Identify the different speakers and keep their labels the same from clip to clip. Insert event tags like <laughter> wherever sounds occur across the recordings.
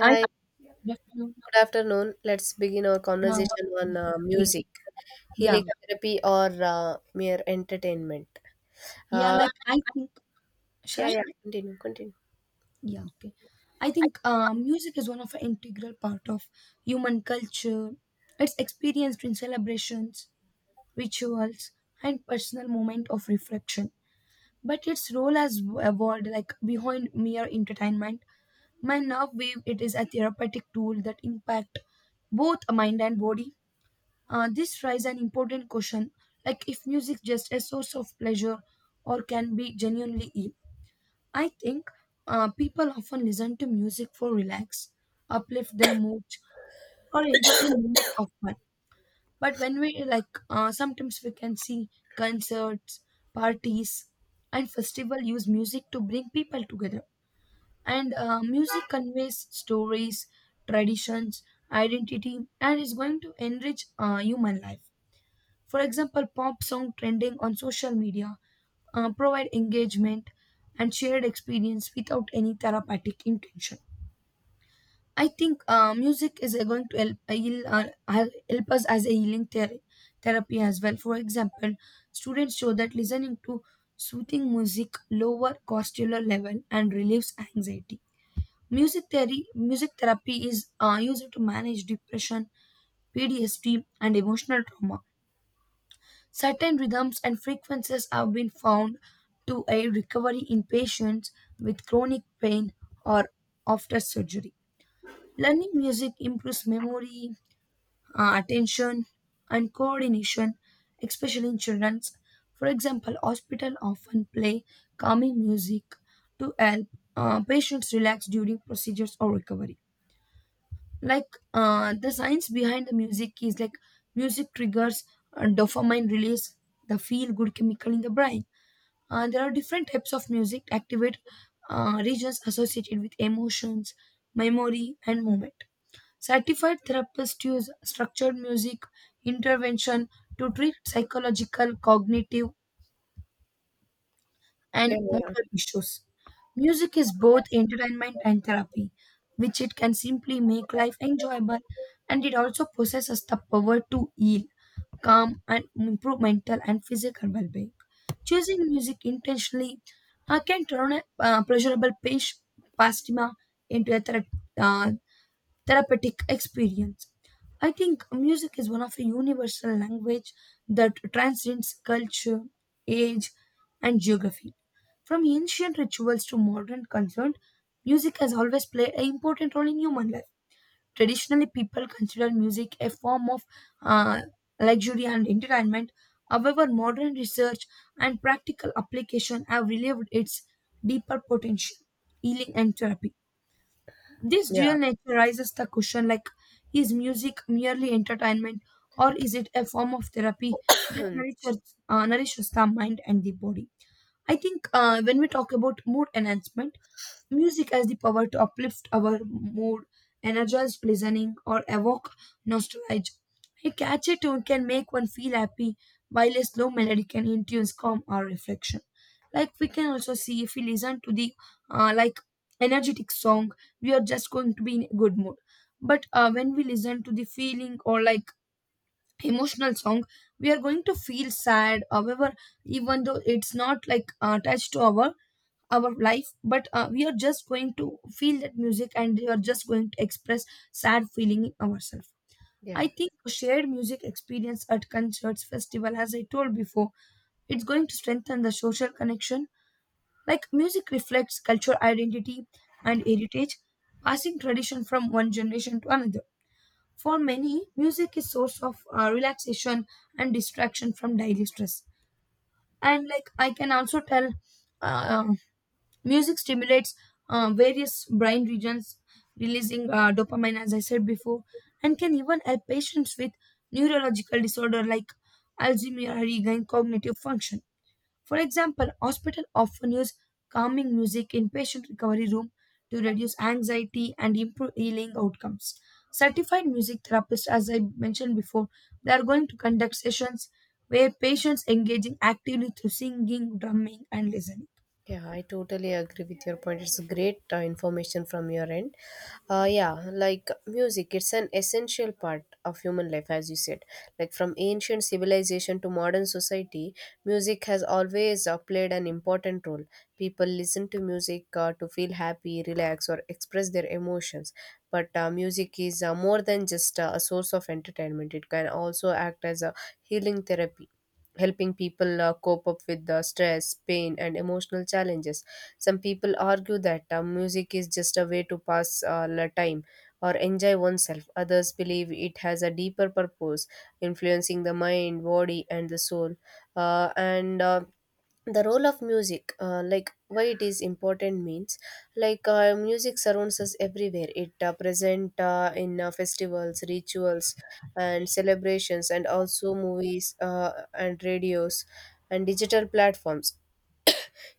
Speaker 1: I
Speaker 2: good
Speaker 1: Good afternoon.
Speaker 2: afternoon. Let's begin our
Speaker 1: Uh,
Speaker 2: conversation on
Speaker 1: yeah, okay.
Speaker 2: music,
Speaker 1: Yeah.
Speaker 2: healing therapy, or mere entertainment.
Speaker 1: Yeah,
Speaker 2: Uh,
Speaker 1: like I think should
Speaker 2: yeah,
Speaker 1: I?
Speaker 2: yeah, continue.
Speaker 1: Yeah, okay. I think music is one of an integral part of human culture. It's experienced in celebrations, rituals, and personal moment of reflection. But its role has evolved like behind mere entertainment. By now wave it is a therapeutic tool that impact both mind and body. This raises an important question like if music just a source of pleasure or can be genuinely ill. I think people often listen to music for relax, uplift their moods, or enjoy a moment of fun. But when we like, sometimes we can see concerts, parties, and festival use music to bring people together. And music conveys stories, traditions, identity, and is going to enrich human life. For example, pop song trending on social media provide engagement and shared experience without any therapeutic intention. I think music is going to help, help us as a healing therapy as well. For example, students show that listening to soothing music lower cortisol level and relieves anxiety. Music theory, music therapy is used to manage depression, PTSD, and emotional trauma. Certain rhythms and frequencies have been found to aid recovery in patients with chronic pain or after surgery. Learning music improves memory, attention, and coordination, especially in children. For example, hospitals often play calming music to help patients relax during procedures or recovery. Like the science behind the music is like music triggers dopamine release, the feel good chemical in the brain. There are different types of music activate regions associated with emotions, memory and movement. Certified therapists use structured music intervention to treat psychological, cognitive, and
Speaker 2: Yeah,
Speaker 1: motor issues. Music is both entertainment and therapy, which it can simply make life enjoyable, and it also possesses the power to heal, calm, and improve mental and physical well being. Choosing music intentionally can turn a pastima into a uh, therapeutic experience. I think music is one of a universal language that transcends culture, age, and geography. From ancient rituals to modern concern, music has always played an important role in human life. Traditionally, people considered music a form of uh, luxury and entertainment. However, modern research and practical application have revealed its deeper potential, healing and therapy. This dual
Speaker 2: yeah.
Speaker 1: nature raises the question like, is music merely entertainment or is it a form of therapy that
Speaker 2: Yeah,
Speaker 1: nourishes the mind and the body? I think when we talk about mood enhancement, music has the power to uplift our mood, energize listening, or evoke nostalgia. A catchy tune can make one feel happy, while a slow melody can induce calm or reflection. Like we can also see if we listen to the like energetic song, we are just going to be in a good mood. But when we listen to the feeling or like emotional song, we are going to feel sad. However, even though it's not like attached to our life, but we are just going to feel that music and we are just going to express sad feeling in ourselves. I
Speaker 2: <clears throat> yeah.
Speaker 1: think shared music experience at concerts festival, as I told before, it's going to strengthen the social connection. Like music reflects cultural identity and heritage, passing tradition from one generation to another. For many, music is source of relaxation and distraction from daily stress. And like I can also tell, uh, music stimulates various brain regions, releasing dopamine, as I said before, and can even help patients with neurological disorder like Alzheimer's regain cognitive function. For example, hospital often use calming music in patient recovery room to reduce anxiety and improve healing outcomes. Certified music therapists, as I mentioned before, they are going to conduct sessions where patients engaging actively through singing, drumming, and listening.
Speaker 2: Yeah, I totally agree with your point. It's great information from your end. Yeah, like music, it's an essential part of human life, as you said. Like from ancient civilization to modern society, music has always played an important role. People listen to music to feel happy, relax, or express their emotions. But music is more than just a source of entertainment, it can also act as a healing therapy, helping people cope up with the stress, pain, and emotional challenges. Some people argue that music is just a way to pass the time or enjoy oneself. Others believe it has a deeper purpose, influencing the mind, body, and the soul. And The role of music, like why it is important, means like music surrounds us everywhere. It present in festivals, rituals, and celebrations, and also movies and radios and digital platforms.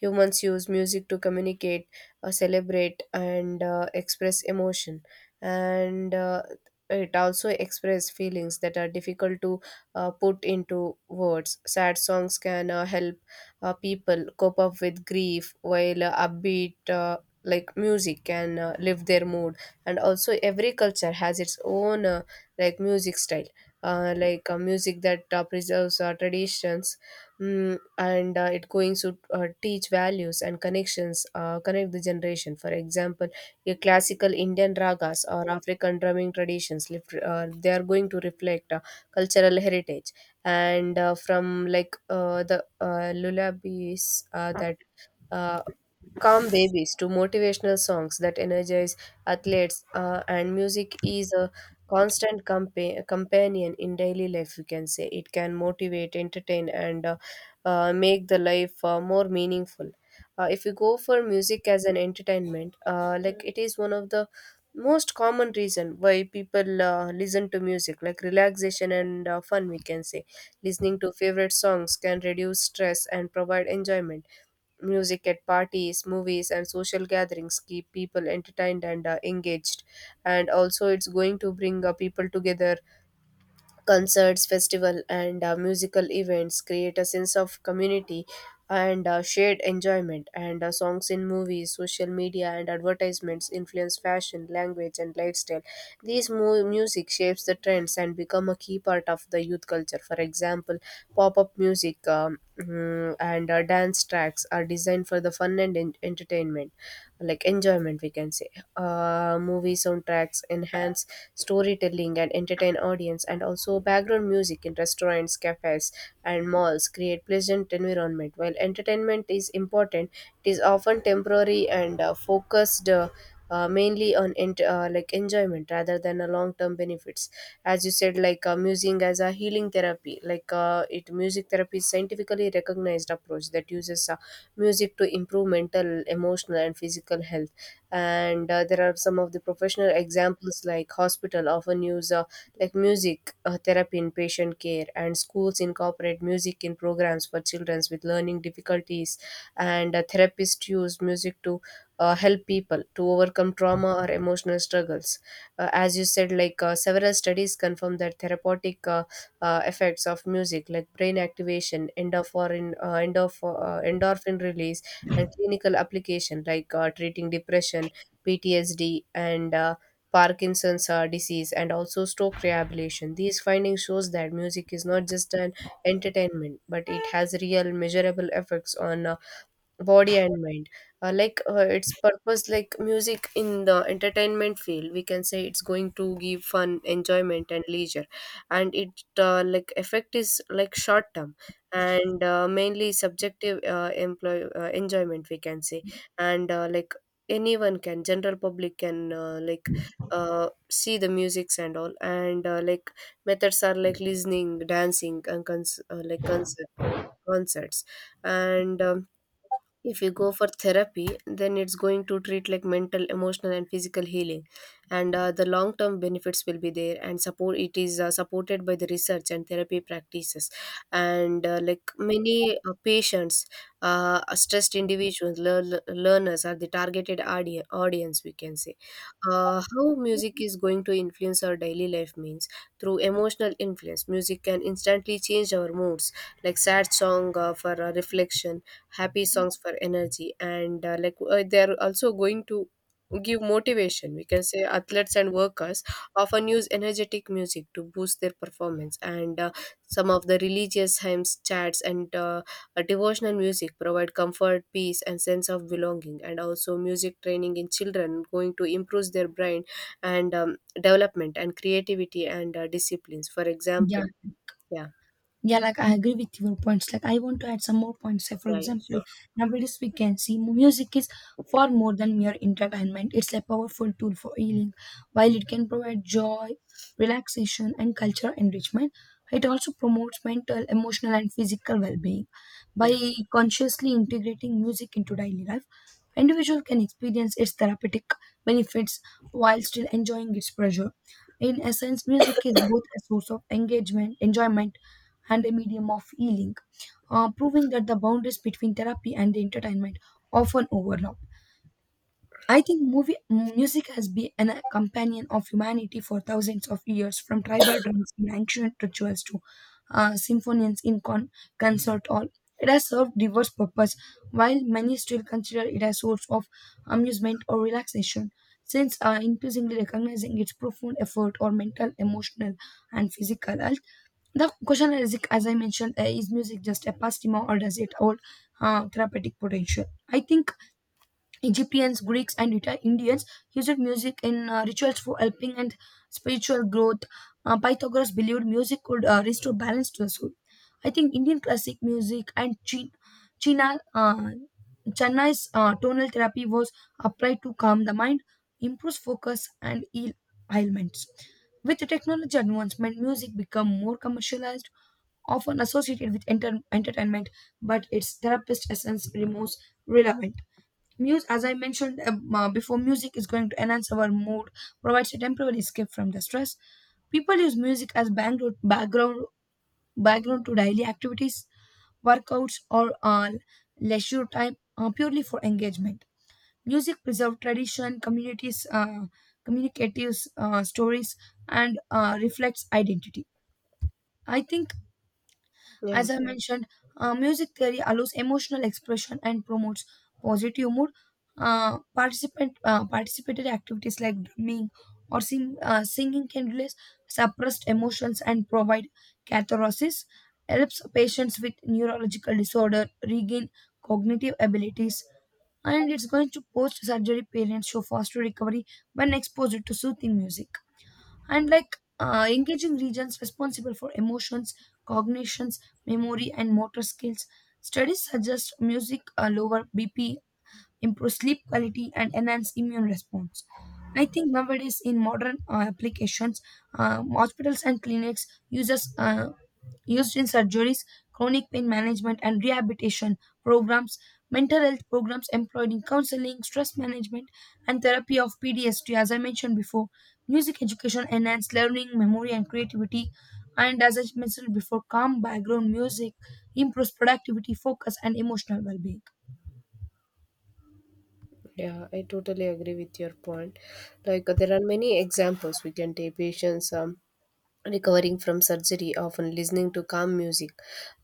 Speaker 2: Humans use music to communicate, celebrate, and express emotion. And It also express feelings that are difficult to put into words. Sad songs can help people cope up with grief, while upbeat like music can lift their mood. And also, every culture has its own like music style. Like music that preserves our traditions. Mm, and It going to teach values and connections, connect the generation. For example, your classical Indian ragas or African drumming traditions, they are going to reflect cultural heritage. And From like the lullabies that. Uh, calm babies to motivational songs that energize athletes, and music is a constant companion in daily life, we can say. It can motivate, entertain, and make the life more meaningful. If you go for music as an entertainment, like it is one of the most common reason why people listen to music, like relaxation and fun, we can say. Listening to favorite songs can reduce stress and provide enjoyment. Music at parties, movies, and social gatherings keep people entertained and engaged. And also, it's going to bring people together. Concerts, festival, and musical events create a sense of community and shared enjoyment. And Songs in movies, social media, and advertisements influence fashion, language, and lifestyle. These music shapes the trends and become a key part of the youth culture. For example, pop-up music, mm, and dance tracks are designed for the fun and entertainment, like enjoyment, we can say. Movie soundtracks enhance storytelling and entertain audience, and also background music in restaurants, cafes, and malls create pleasant environment. While entertainment is important, it is often temporary and focused mainly on like enjoyment rather than a long term benefits. As you said, like musing as a healing therapy, like it music therapy is scientifically recognized approach that uses music to improve mental, emotional, and physical health. And There are some of the professional examples, like hospital often use like music therapy in patient care, and schools incorporate music in programs for children with learning difficulties, and therapists use music to help people to overcome trauma or emotional struggles. As you said, like several studies confirm that therapeutic, effects of music like brain activation, endorphin release, and clinical application like treating depression, PTSD, and Parkinson's disease, and also stroke rehabilitation. These findings shows that music is not just an entertainment, but it has real measurable effects on body and mind. Like its purpose, like music in the entertainment field, we can say it's going to give fun, enjoyment, and leisure. And it, like effect is like short term and mainly subjective, employ enjoyment, we can say. And Like anyone can, general public can like see the musics and all. And Like methods are like listening, dancing, and concerts. And If you go for therapy, then it's going to treat like mental, emotional, and physical healing, and the long term benefits will be there, and support, it is supported by the research and therapy practices. And Like many patients, stressed individuals, learners are the targeted audience, we can say. How music is going to influence our daily life means through emotional influence. Music can instantly change our moods, like sad song for reflection, happy songs for energy, and like they're also going to give motivation, we can say. Athletes and workers often use energetic music to boost their performance, and some of the religious hymns, chants, and devotional music provide comfort, peace, and sense of belonging. And also, music training in children going to improve their brain and, development, and creativity, and disciplines, for
Speaker 1: Yeah,
Speaker 2: example. Yeah.
Speaker 1: yeah, like I agree with your points. Like I want to add some more points. Like for
Speaker 2: Yeah, yeah,
Speaker 1: example,
Speaker 2: sure.
Speaker 1: nowadays we can see music is far more than mere entertainment. It's a powerful tool for healing. While it can provide joy, relaxation, and cultural enrichment, it also promotes mental, emotional, and physical well-being.
Speaker 2: Yeah.
Speaker 1: By consciously integrating music into daily life, individual can experience its therapeutic benefits while still enjoying its pressure. In essence, music is both a source of engagement, enjoyment, and a medium of healing, proving that the boundaries between therapy and entertainment often overlap. I think movie music has been an companion of humanity for thousands of years, from tribal drums in ancient rituals to symphonies in concert hall. It has served diverse purpose, while many still consider it a source of amusement or relaxation. Since increasingly recognizing its profound effort or mental, emotional, and physical health, the question is, as I mentioned, is music just a pastime or does it hold therapeutic potential? I think Egyptians, Greeks, and Indians used music in rituals for helping and spiritual growth. Pythagoras believed music could restore balance to the soul. I think Indian classic music and China, uh, Chennai's tonal therapy was applied to calm the mind, improve focus, and heal ailments. With the technology advancement, music become more commercialized, often associated with entertainment, but its therapist essence remains relevant. Muse, as I mentioned before, music is going to enhance our mood, provides a temporary escape from the stress. People use music as background to daily activities, workouts, or leisure time purely for engagement. Music preserves tradition, communities, communicative stories, and reflects identity. I think
Speaker 2: Yeah.
Speaker 1: as I mentioned, music theory allows emotional expression and promotes positive mood. Participant Participatory activities like drumming or singing can release suppressed emotions and provide catharsis. Helps patients with neurological disorder regain cognitive abilities, and it's going to post-surgery parents show faster recovery when exposed to soothing music and like engaging regions responsible for emotions, cognitions, memory, and motor skills. Studies suggest music lower BP, improve sleep quality, and enhance immune response. I think nowadays in modern applications, hospitals and clinics uses used in surgeries, chronic pain management and rehabilitation programs, mental health programs employed in counseling, stress management, and therapy of PTSD, as I mentioned before. Music education enhanced learning, memory, and creativity. And as I mentioned before, calm background music improves productivity, focus, and emotional well being.
Speaker 2: Yeah, I totally agree with your point. Like, there are many examples we can take. Patients, recovering from surgery often listening to calm music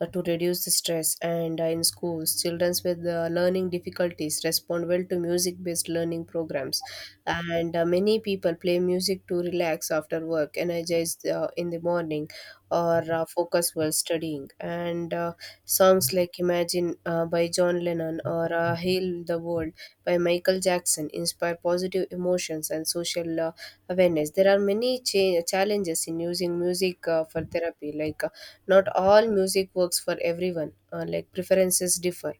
Speaker 2: to reduce the stress, and in schools, children with learning difficulties respond well to music based learning programs, and many people play music to relax after work, energize in the morning, or focus while studying. And Songs like Imagine by John Lennon or Heal the World by Michael Jackson inspire positive emotions and social awareness. There are many challenges in using music for therapy. Like, not all music works for everyone. Like preferences differ.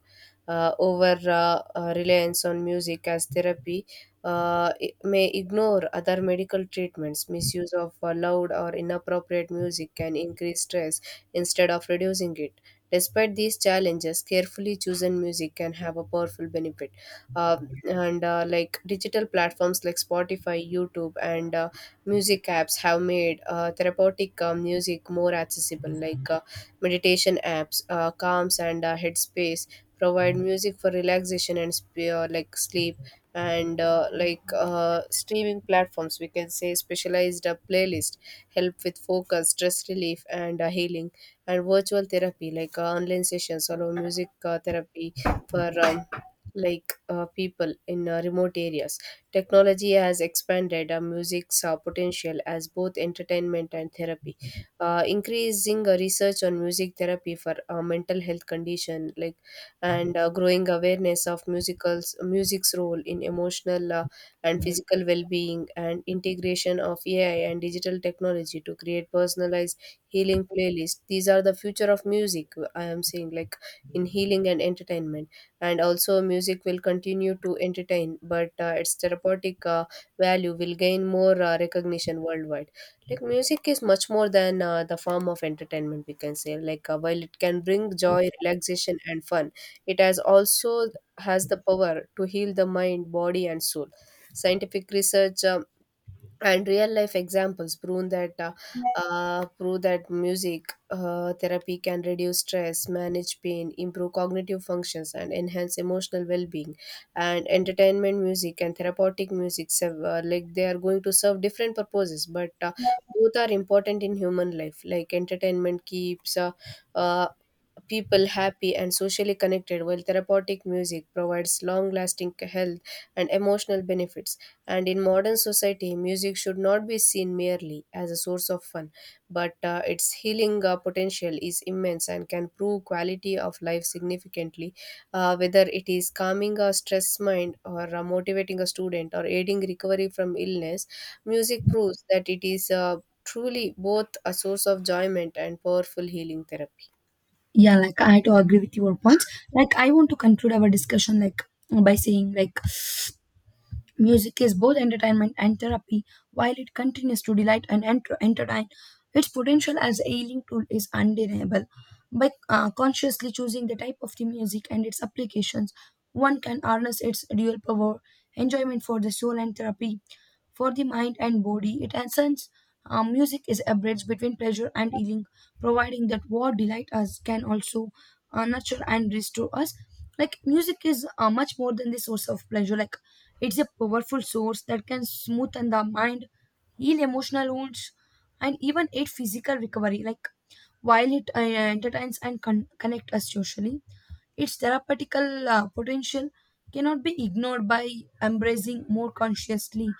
Speaker 2: Over reliance on music as therapy may ignore other medical treatments. Misuse of loud or inappropriate music can increase stress instead of reducing it. Despite these challenges, carefully chosen music can have a powerful benefit. Uh, and Like digital platforms like Spotify, YouTube, and music apps have made therapeutic music more accessible, like meditation apps, Calms, and Headspace provide music for relaxation and like sleep. And Like streaming platforms, we can say, specialized playlist help with focus, stress relief, and healing. And virtual therapy, like online sessions, allow music therapy for, like people in remote areas. Technology has expanded music's potential as both entertainment and therapy, increasing research on music therapy for mental health condition, like, and growing awareness of musicals music's role in emotional and physical well-being, and integration of AI and digital technology to create personalized healing playlists. These are the future of music, I am saying, like in healing and entertainment. And also, music will continue to entertain, but its therapeutic value will gain more recognition worldwide. Like music is much more than the form of entertainment, we can say. Like while it can bring joy, relaxation, and fun, it has the power to heal the mind, body, and soul. Scientific research, and real life examples prove that, prove that music therapy can reduce stress, manage pain, improve cognitive functions, and enhance emotional well-being. And entertainment music and therapeutic music serve, like they are going to serve different purposes, but both are important in human life. Like entertainment keeps uh, people happy and socially connected, while therapeutic music provides long lasting health and emotional benefits. And in modern society, music should not be seen merely as a source of fun, but its healing potential is immense and can prove quality of life significantly, whether it is calming a stressed mind or motivating a student or aiding recovery from illness. Music proves that it is truly both a source of enjoyment and powerful healing therapy.
Speaker 1: Yeah, like I had to agree with your points. Like I want to conclude our discussion like by saying like music is both entertainment and therapy, while it continues to delight and entertain. Its potential as a healing tool is undeniable. By consciously choosing the type of the music and its applications, one can harness its dual power, enjoyment for the soul and therapy for the mind and body. It essence, music is a bridge between pleasure and healing, providing that what delight us can also nurture and restore us. Like music is much more than the source of pleasure. Like it's a powerful source that can smoothen the mind, heal emotional wounds, and even aid physical recovery. Like while it entertains and connect us socially, its therapeutical potential cannot be ignored. By embracing more consciously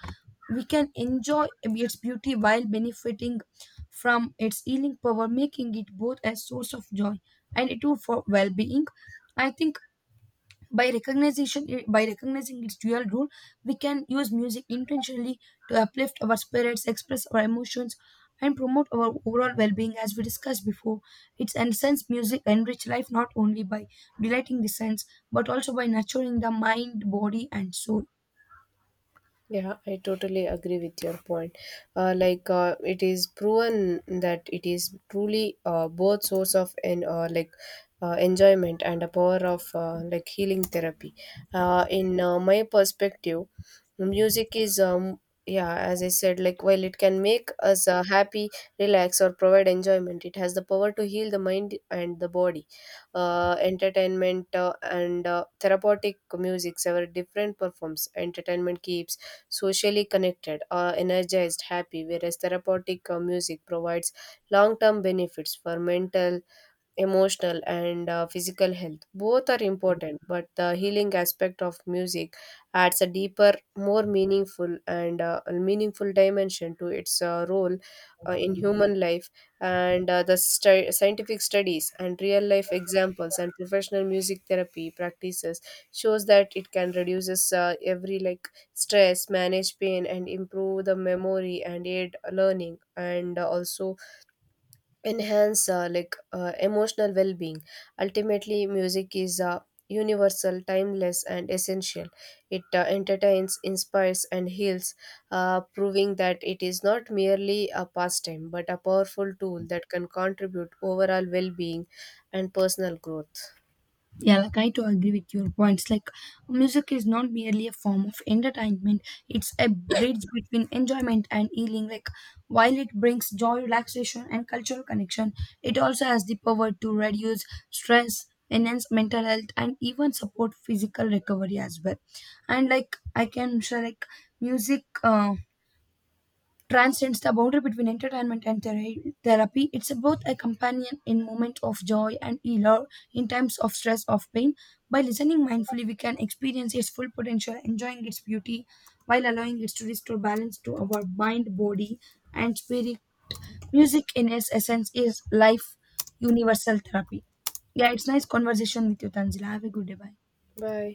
Speaker 1: we can enjoy its beauty while benefiting from its healing power, making it both a source of joy and a tool for well-being. I think by recognizing its dual role, we can use music intentionally to uplift our spirits, express our emotions, and promote our overall well-being. As we discussed before, it's and sense music enrich life not only by delighting the sense, but also by nurturing the mind, body, and soul.
Speaker 2: Yeah, I totally agree with your point. Like it is proven that it is truly both source of an like enjoyment and a power of like healing therapy. In my perspective, music is, yeah, as I said, like while it can make us happy, relax or provide enjoyment, it has the power to heal the mind and the body. Entertainment and therapeutic music several different performs. Entertainment keeps socially connected, energized, happy, whereas therapeutic music provides long term benefits for mental, emotional, and physical health. Both are important, but the healing aspect of music adds a deeper, more meaningful and a meaningful dimension to its role in human life. And The scientific studies and real life examples and professional music therapy practices shows that it can reduces every like stress, manage pain, and improve the memory, and aid learning, and also enhance like emotional well-being. Ultimately, music is universal, timeless, and essential. It entertains, inspires, and heals, proving that it is not merely a pastime but a powerful tool that can contribute overall well-being and personal growth.
Speaker 1: Yeah, like I do agree with your points. Like, music is not merely a form of entertainment, it's a bridge between enjoyment and healing. Like, while it brings joy, relaxation, and cultural connection, it also has the power to reduce stress, enhance mental health, and even support physical recovery as well. And, like, I can share, like, music transcends the boundary between entertainment and therapy. It's both a companion in moments of joy and healer in times of stress or pain. By listening mindfully, we can experience its full potential, enjoying its beauty while allowing it to restore balance to our mind, body, and spirit. Music, in its essence, is life universal therapy. Yeah, it's nice conversation with you, Tanzila. Have a good day. Bye.
Speaker 2: Bye.